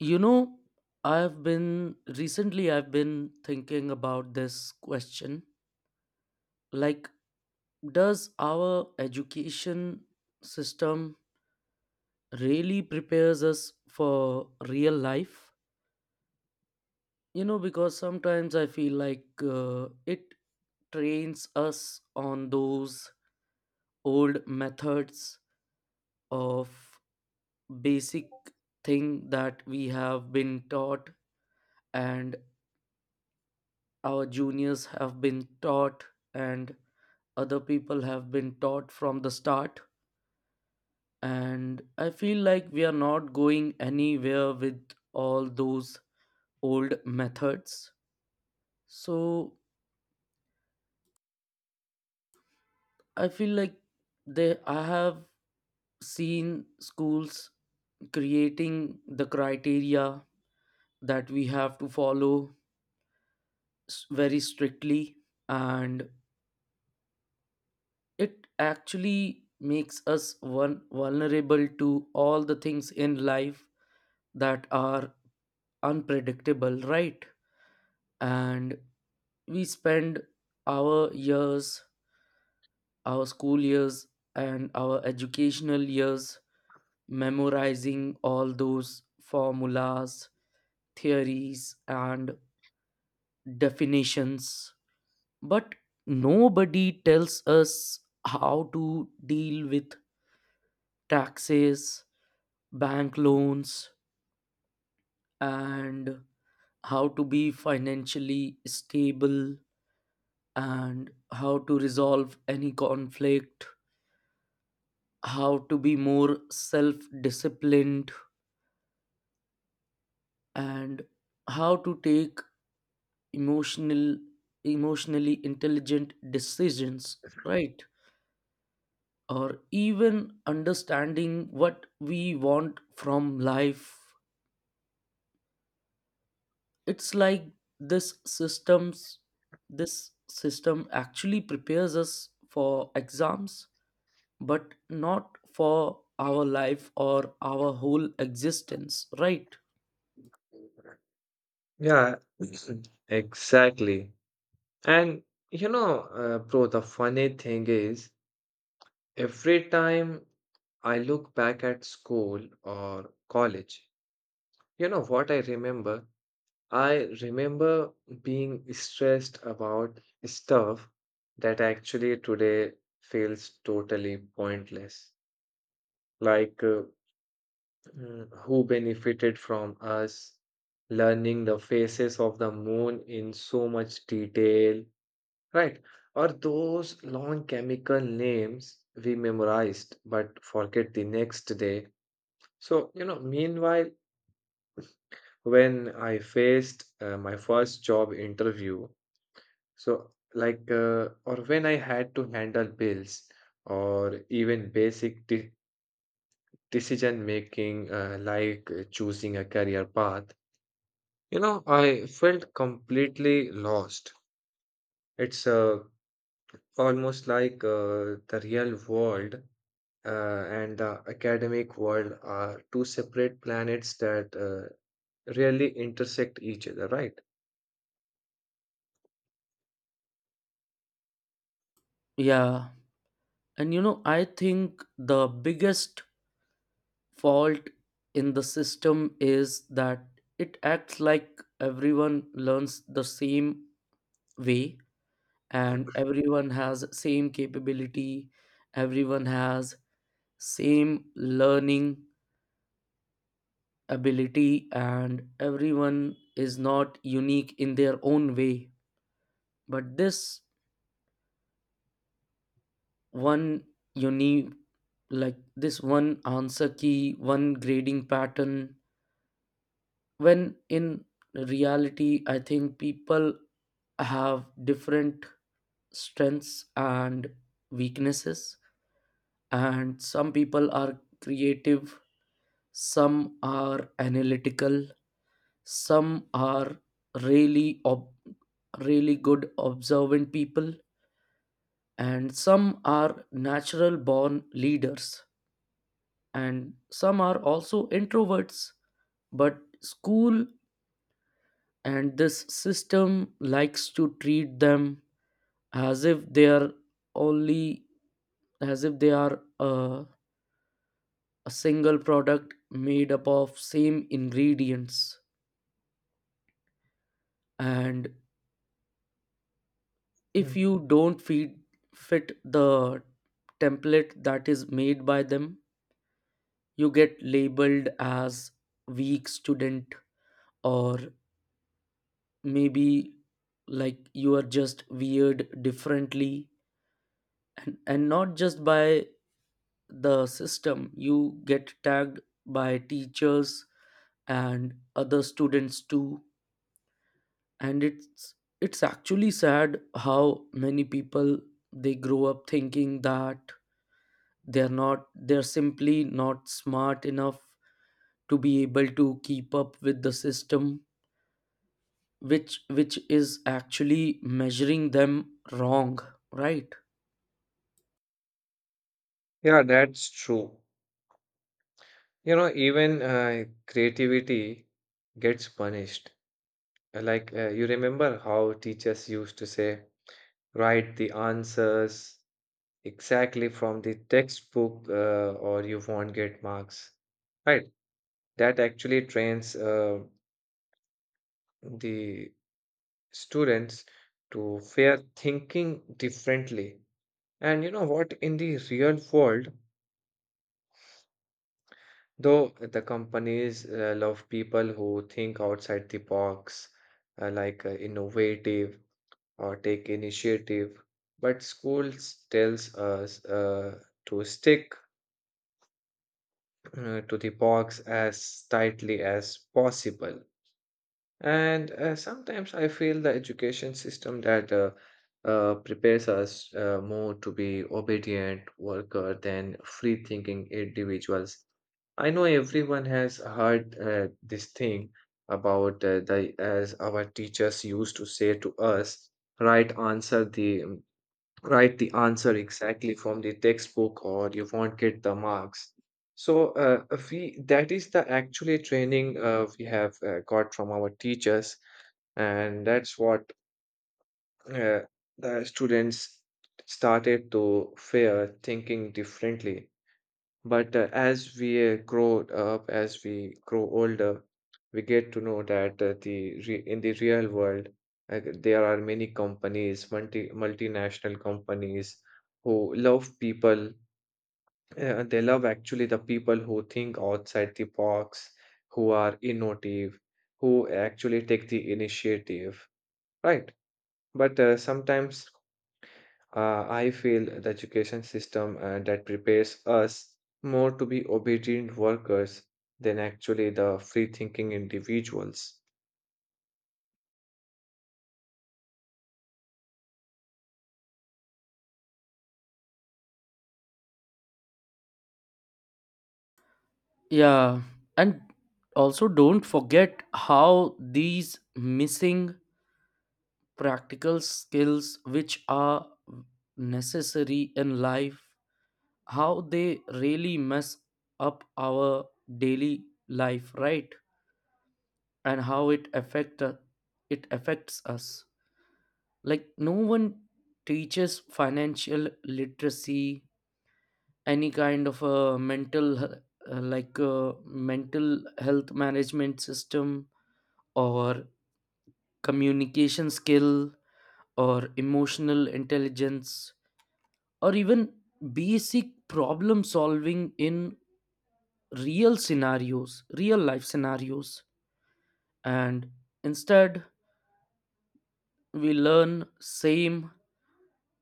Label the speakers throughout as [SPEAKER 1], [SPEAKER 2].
[SPEAKER 1] You know, I've been thinking about this question, like, does our education system really prepares us for real life? You know, because sometimes I feel like it trains us on those old methods of basic thing that we have been taught, and our juniors have been taught, and other people have been taught from the start, and I feel like we are not going anywhere with all those old methods. So I feel like they I have seen schools creating the criteria that we have to follow very strictly, and it actually makes us one vulnerable to all the things in life that are unpredictable, right? And we spend our years, our school years, and our educational years memorizing all those formulas, theories and definitions, but nobody tells us how to deal with taxes, bank loans, and how to be financially stable, and how to resolve any conflict, how to be more self disciplined, and how to take emotional emotionally intelligent decisions, right? Or even understanding what we want from life. It's like this systems this system actually prepares us for exams but not for our life or our whole existence, right?
[SPEAKER 2] Yeah, exactly. And bro, the funny thing is, every time I look back at school or college, you know what I remember? I remember being stressed about stuff that actually today feels totally pointless. Like, uh, who benefited from us learning the phases of the moon in so much detail? Right. Or those long chemical names we memorized but forget the next day. So meanwhile, when I faced my first job interview, or when I had to handle bills or even decision making, choosing a career path, I felt completely lost. It's almost like the real world and the academic world are two separate planets that rarely intersect each other, right?
[SPEAKER 1] Yeah, and you know, I think the biggest fault in the system is that it acts like everyone learns the same way, and everyone has same capability, everyone has same learning ability, and everyone is not unique in their own way. But this one unique, like, this one answer key, one grading pattern, when in reality I think people have different strengths and weaknesses, and some people are creative, some are analytical, some are really ob- really good observant people, and some are natural born leaders, and some are also introverts. But school and this system likes to treat them as if they are only, as if they are a single product made up of same ingredients. And if
[SPEAKER 2] Mm.
[SPEAKER 1] you don't feed fit the template that is made by them, you get labeled as weak student, or maybe like you are just weird differently. And not just by the system you get tagged by teachers and other students too. And it's actually sad how many people, they grow up thinking that they're simply not smart enough to be able to keep up with the system, which is actually measuring them wrong, right?
[SPEAKER 2] Yeah, that's true. You know, even creativity gets punished. You remember how teachers used to say, write the answers exactly from the textbook, or you won't get marks, right? That actually trains the students to fear thinking differently. And you know what? In the real world, though the companies love people who think outside the box, innovative or take initiative, but schools tells us to stick to the box as tightly as possible. And sometimes I feel the education system that prepares us more to be obedient worker than free-thinking individuals. I know everyone has heard this thing about the as our teachers used to say to us, right answer the write the answer exactly from the textbook or you won't get the marks. So uh, we that is the actually training we have got from our teachers, and that's what uh, the students started to fear thinking differently. But as we grow older, we get to know that the re in the real world, there are many companies, multinational companies who love people. They love actually the people who think outside the box, who are innovative, who actually take the initiative, right? But sometimes I feel the education system that prepares us more to be obedient workers than actually the free-thinking individuals.
[SPEAKER 1] Yeah, and also don't forget how these missing practical skills, which are necessary in life, how they really mess up our daily life, right? And how it affects us. Like, no one teaches financial literacy, any kind of a mental he- like mental health management system, or communication skill, or emotional intelligence, or even basic problem solving in real life scenarios. And instead, we learn same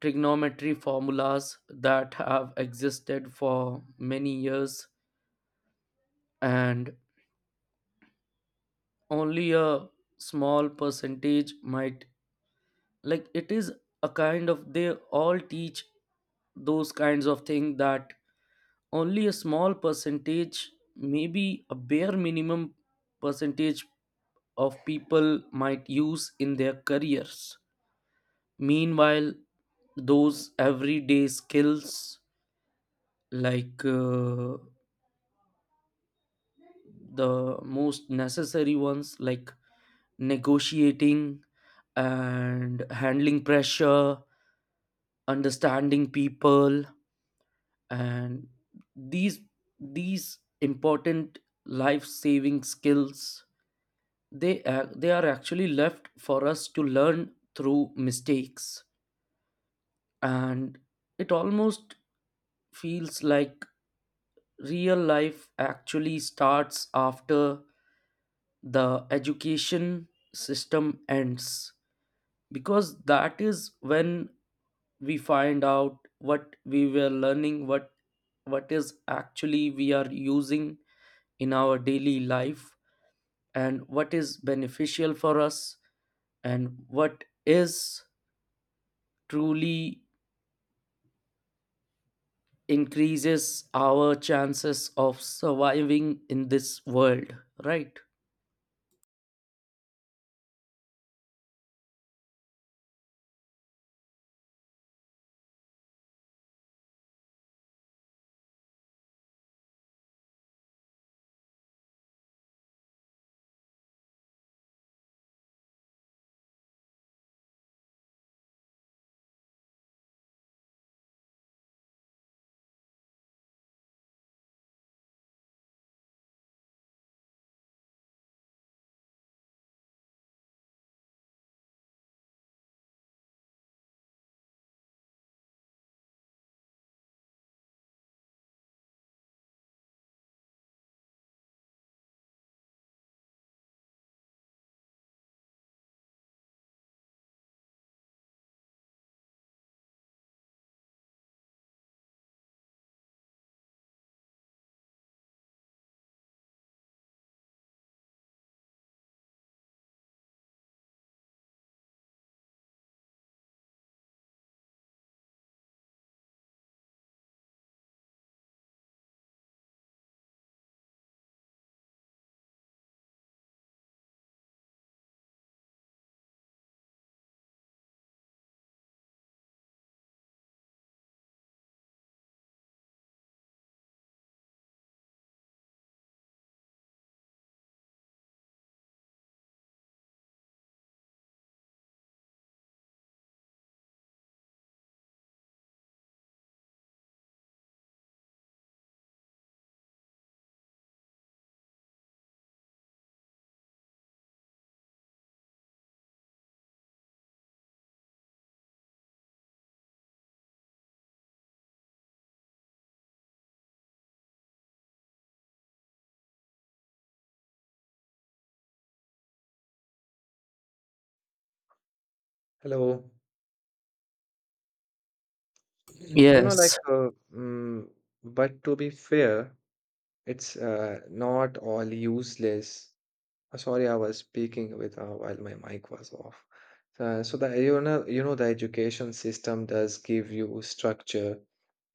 [SPEAKER 1] trigonometry formulas that have existed for many years. And only a small percentage might, like, it is a kind of, they all teach those kinds of things that only a small percentage, maybe a bare minimum percentage of people might use in their careers. Meanwhile, those everyday skills, like, the most necessary ones, like negotiating and handling pressure, understanding people, and these these important life saving skills, they are actually left for us to learn through mistakes. And it almost feels like real life actually starts after the education system ends, because that is when we find out what we were learning, what is actually we are using in our daily life, and what is beneficial for us, and what is truly increases our chances of surviving in this world, right?
[SPEAKER 2] Hello. You know, like,
[SPEAKER 1] Yes,
[SPEAKER 2] uh, mm, but to be fair, it's not all useless. Sorry, I was speaking with while my mic was off. So the you know the education system does give you structure,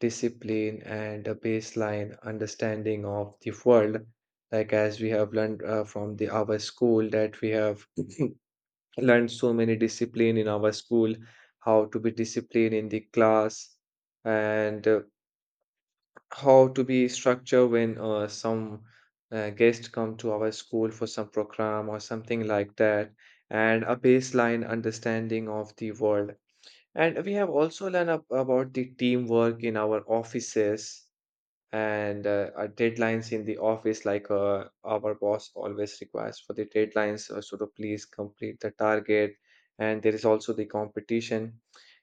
[SPEAKER 2] discipline, and a baseline understanding of the world. Like as we have learned from the our school, that we have learned so many discipline in our school, how to be disciplined in the class, and how to be structure when some guests come to our school for some program or something like that, and a baseline understanding of the world. And we have also learned about the teamwork in our offices, and our deadlines in the office, like our boss always requires for the deadlines, so to please complete the target. And there is also the competition,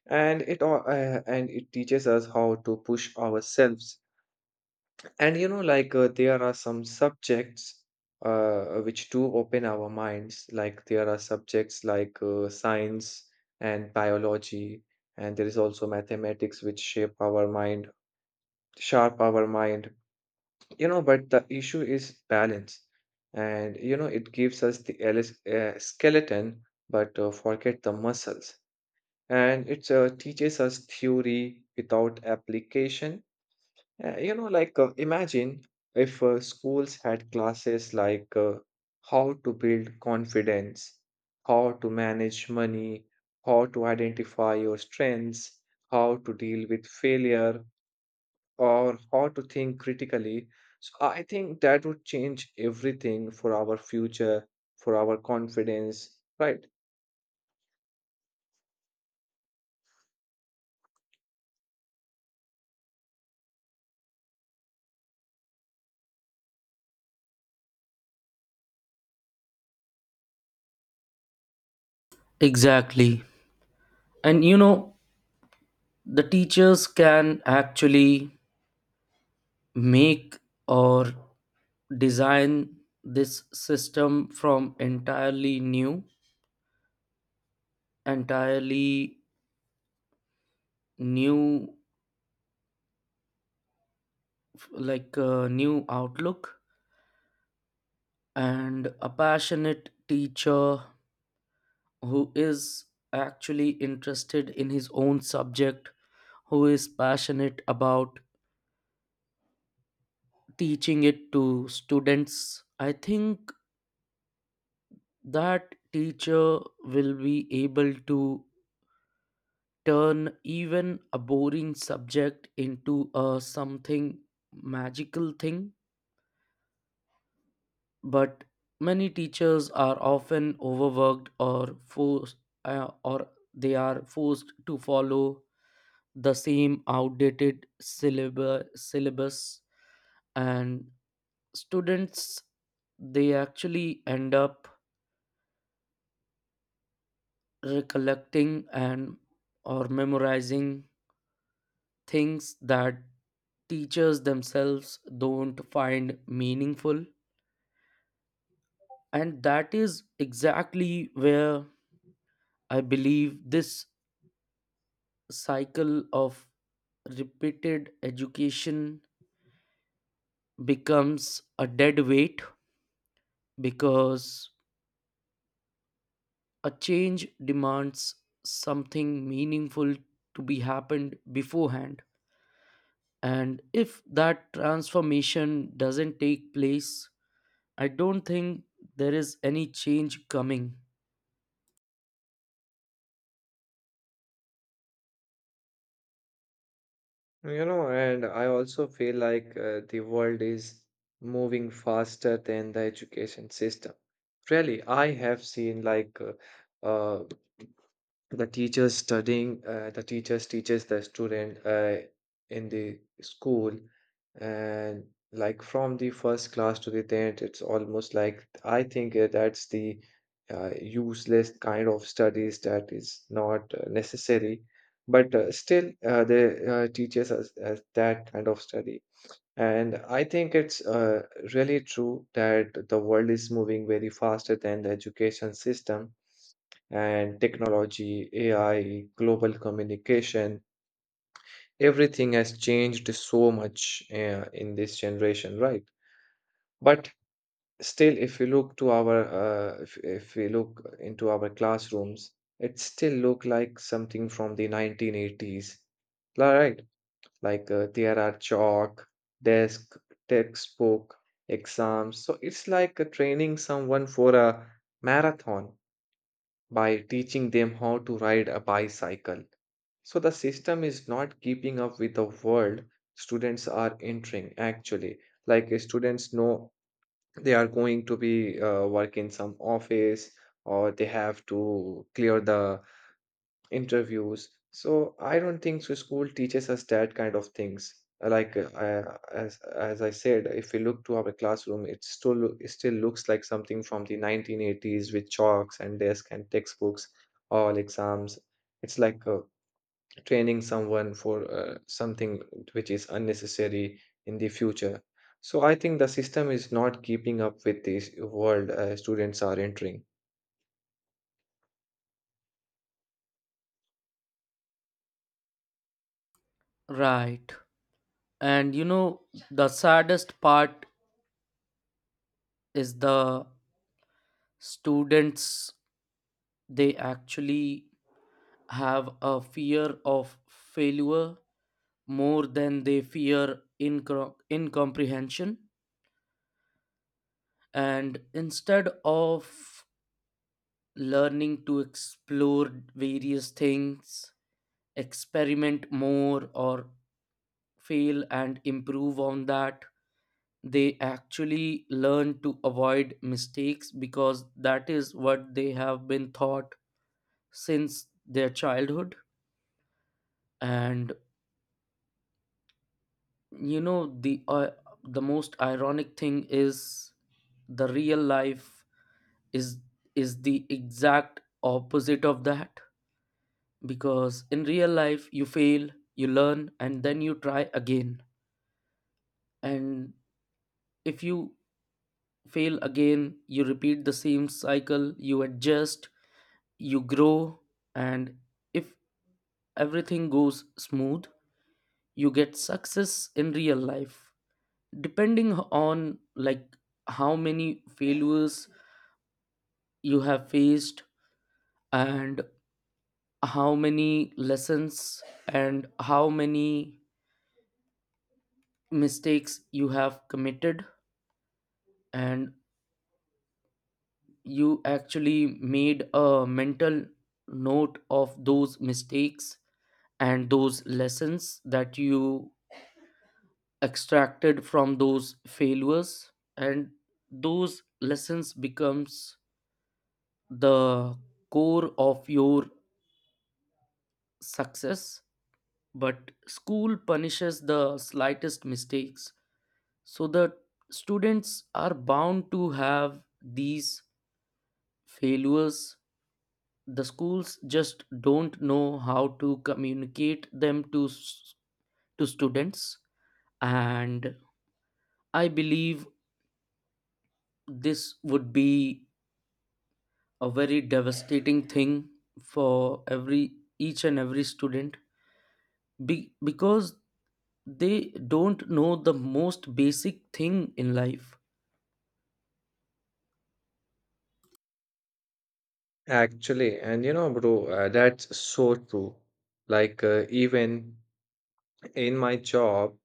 [SPEAKER 2] and it all and it teaches us how to push ourselves. And you know, there are some subjects which do open our minds. Like there are subjects like science and biology, and there is also mathematics which shape our mind, sharp our mind. You know, but the issue is balance. And you know, it gives us the skeleton, but forget the muscles. And it teaches us theory without application. Yeah, you know, like imagine if schools had classes like how to build confidence, how to manage money, how to identify your strengths, how to deal with failure, or how to think critically. So I think that would change everything for our future, for our confidence, right?
[SPEAKER 1] exactly. And you know, the teachers can actually make or design this system from entirely new, entirely new, like a new outlook. And a passionate teacher who is actually interested in his own subject, who is passionate about teaching it to students, I think that teacher will be able to turn even a boring subject into a something magical thing. But many teachers are often overworked or forced, or they are forced to follow the same outdated syllabus, and students, they actually end up recollecting, and or memorizing things that teachers themselves don't find meaningful. And that is exactly where I believe this cycle of repeated education becomes a dead weight, because a change demands something meaningful to be happened beforehand. And if that transformation doesn't take place, I don't think there is any change coming.
[SPEAKER 2] You know, and I also feel like the world is moving faster than the education system. Really, I have seen like uh, the teachers teaches the student in the school, and like from the first class to the 10th, it's almost like I think that's the useless kind of studies that is not necessary, but still they teaches us as that kind of study. And I think it's really true that the world is moving very faster than the education system, and technology, AI, global communication, everything has changed so much in this generation, right? But still, if you look to our, if we look into our classrooms, it still look like something from the 1980s, right? Like there are chalk, desk, textbook, exams. So it's like training someone for a marathon by teaching them how to ride a bicycle. So the system is not keeping up with the world students are entering actually. Like students know they are going to be work in some office, or they have to clear the interviews. So I don't think so school teaches us that kind of things. As I said, if we look to our classroom, it still looks like something from the 1980s, with chalks and desk and textbooks, all exams. It's like a training someone for something which is unnecessary in the future. So I think the system is not keeping up with this world students are entering.
[SPEAKER 1] Right. And you know, the saddest part is the students, they actually have a fear of failure more than they fear incomprehension. And instead of learning to explore various things, experiment more, or fail and improve on that, they actually learn to avoid mistakes, because that is what they have been taught since their childhood. And you know the uh, the most ironic thing is, the real life is is the exact opposite of that, because in real life you fail, you learn, and then you try again. And if you fail again, you repeat the same cycle, you adjust, you grow. And if everything goes smooth, you get success in real life, depending on like how many failures you have faced, and how many lessons and how many mistakes you have committed, and you actually made a mental note of those mistakes and those lessons that you extracted from those failures. And those lessons becomes the core of your success. But school punishes the slightest mistakes, so the students are bound to have these failures. The schools just don't know how to communicate them to to students. And I believe this would be a very devastating thing for every each and every student, because they don't know the most basic thing in life.
[SPEAKER 2] Actually, and you know, bro, that's so true. Like, even in my job,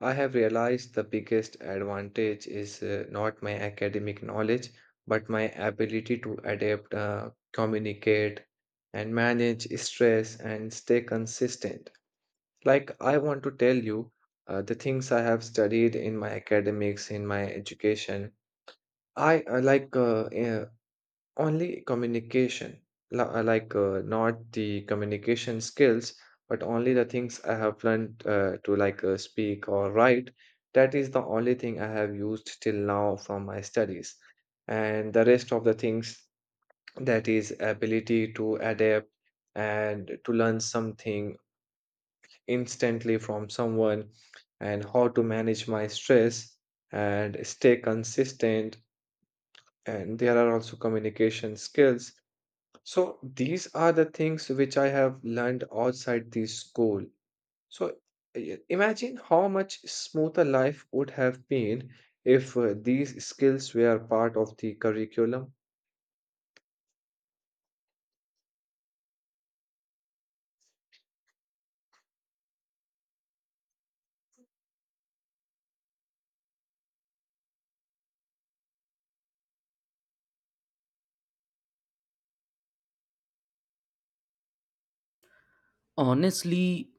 [SPEAKER 2] I have realized the biggest advantage is not my academic knowledge, but my ability to adapt, communicate, and manage stress and stay consistent. Like, I want to tell you the things I have studied in my academics, in my education. I like Only communication, not the communication skills, but only the things I have learned to speak or write. That is the only thing I have used till now from my studies. And the rest of the things, that is ability to adapt and to learn something instantly from someone, and how to manage my stress and stay consistent. And there are also communication skills, so these are the things which I have learned outside the school. So imagine how much smoother life would have been if these skills were part of the curriculum.
[SPEAKER 1] Honestly,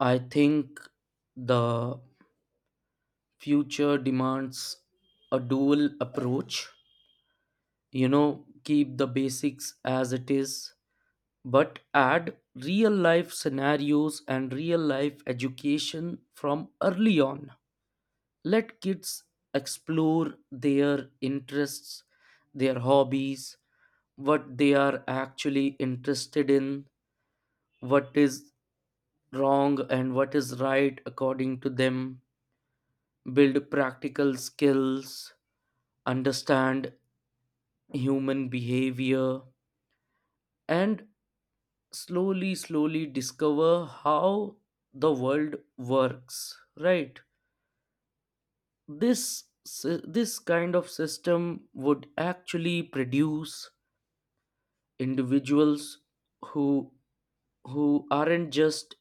[SPEAKER 1] I think the future demands a dual approach. You know, keep the basics as it is, but add real life scenarios and real life education from early on. Let kids explore their interests, their hobbies, what they are actually interested in, what is wrong and what is right according to them. Build practical skills, understand human behavior, and slowly, slowly discover how the world works, right? This kind of system would actually produce individuals who who aren't just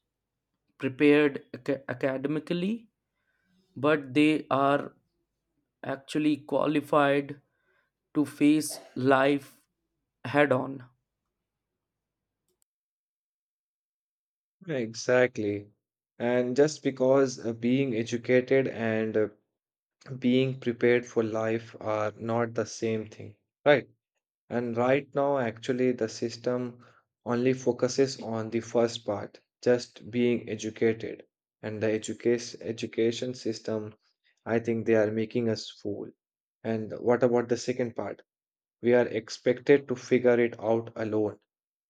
[SPEAKER 1] prepared academically, but they are actually qualified to face life head on.
[SPEAKER 2] Exactly. And just because being educated and being prepared for life are not the same thing, right? And right now, actually, the system only focuses on the first part, just being educated. And the education system, I think they are making us fool. And what about the second part? We are expected to figure it out alone,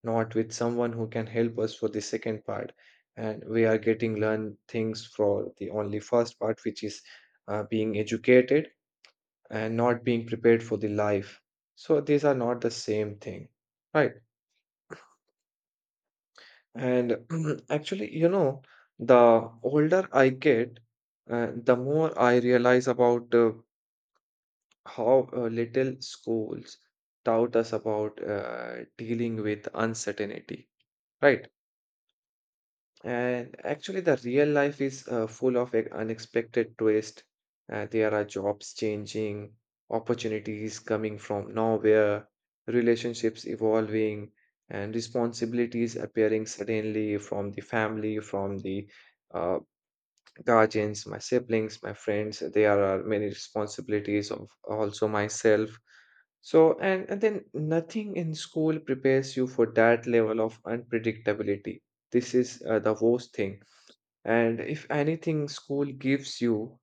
[SPEAKER 2] not with someone who can help us for the second part. And we are getting learn things for the only first part, which is being educated and not being prepared for the life. So these are not the same thing, right? And actually, you know, the older I get, the more I realize about how little schools taught us about dealing with uncertainty, right? And actually, the real life is full of unexpected twists. There are jobs changing, opportunities coming from nowhere, relationships evolving, and responsibilities appearing suddenly from the family, from the uh, guardians, my siblings, my friends. There are many responsibilities of also myself. And then nothing in school prepares you for that level of unpredictability. This is the worst thing. And if anything, school gives you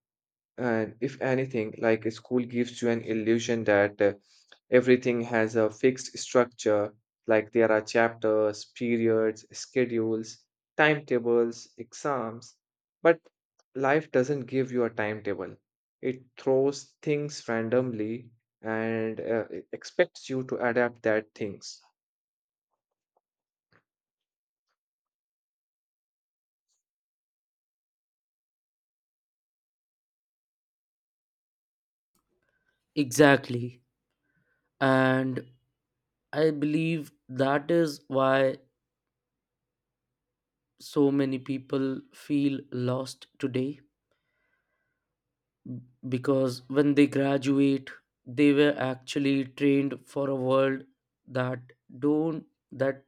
[SPEAKER 2] and if anything, like a school gives you an illusion that everything has a fixed structure, like there are chapters, periods, schedules, timetables, exams. But life doesn't give you a timetable, it throws things randomly, and it expects you to adapt that things.
[SPEAKER 1] Exactly, and I believe that is why so many people feel lost today, because when they graduate, they were actually trained for a world that don't that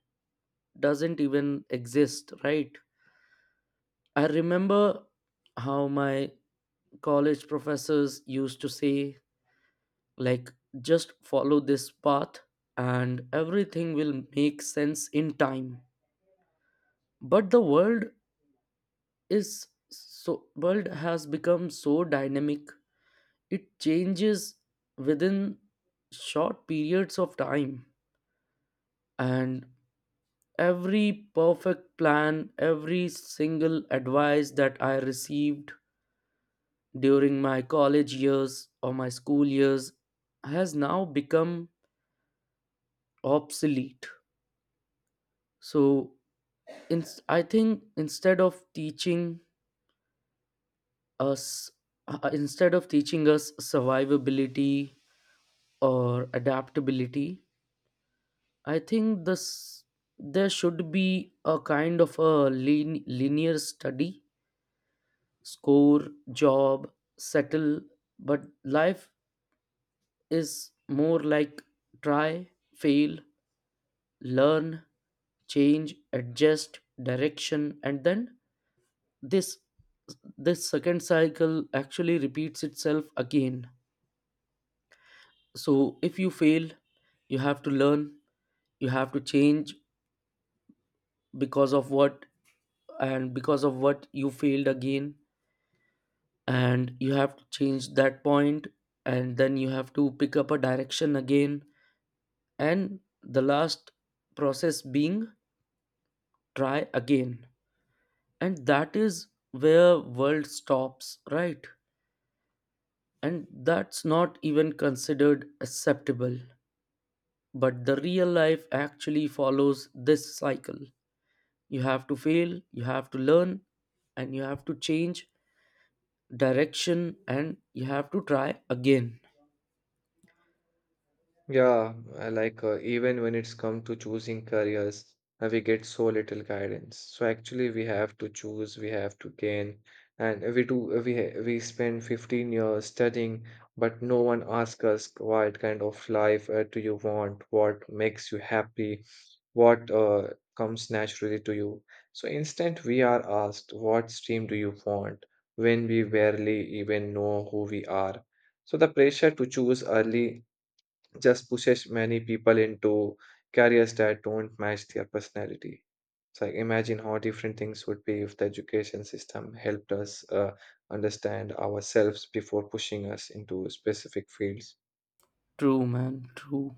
[SPEAKER 1] doesn't even exist, right? I remember how my college professors used to say, like, just follow this path and everything will make sense in time. But the world is so, world has become so dynamic, it changes within short periods of time, and every perfect plan, every single advice that I received during my college years or my school years, has now become obsolete. So I think instead of teaching us instead of teaching us survivability or adaptability, I think this, there should be a kind of a linear study, score, job, settle, but life is more like try, fail, learn, change, adjust direction, and then this this second cycle actually repeats itself again. So if you fail, you have to learn, you have to change, because of what, and because of what you failed again and you have to change that point, and then you have to pick up a direction again, and the last process being try again. And that is where world stops, right? And that's not even considered acceptable, but the real life actually follows this cycle. You have to fail, you have to learn, and you have to change direction, and you have to try again.
[SPEAKER 2] Yeah, I like even when it's come to choosing careers, we get so little guidance. So actually, we have to choose, we have to gain, and we do. We spend 15 years studying, but no one asks us what kind of life do you want, what makes you happy, what comes naturally to you. So instead, we are asked, what stream do you want? When we barely even know who we are. So the pressure to choose early just pushes many people into careers that don't match their personality. So like, imagine how different things would be if the education system helped us understand ourselves before pushing us into specific fields.
[SPEAKER 1] True, man, true.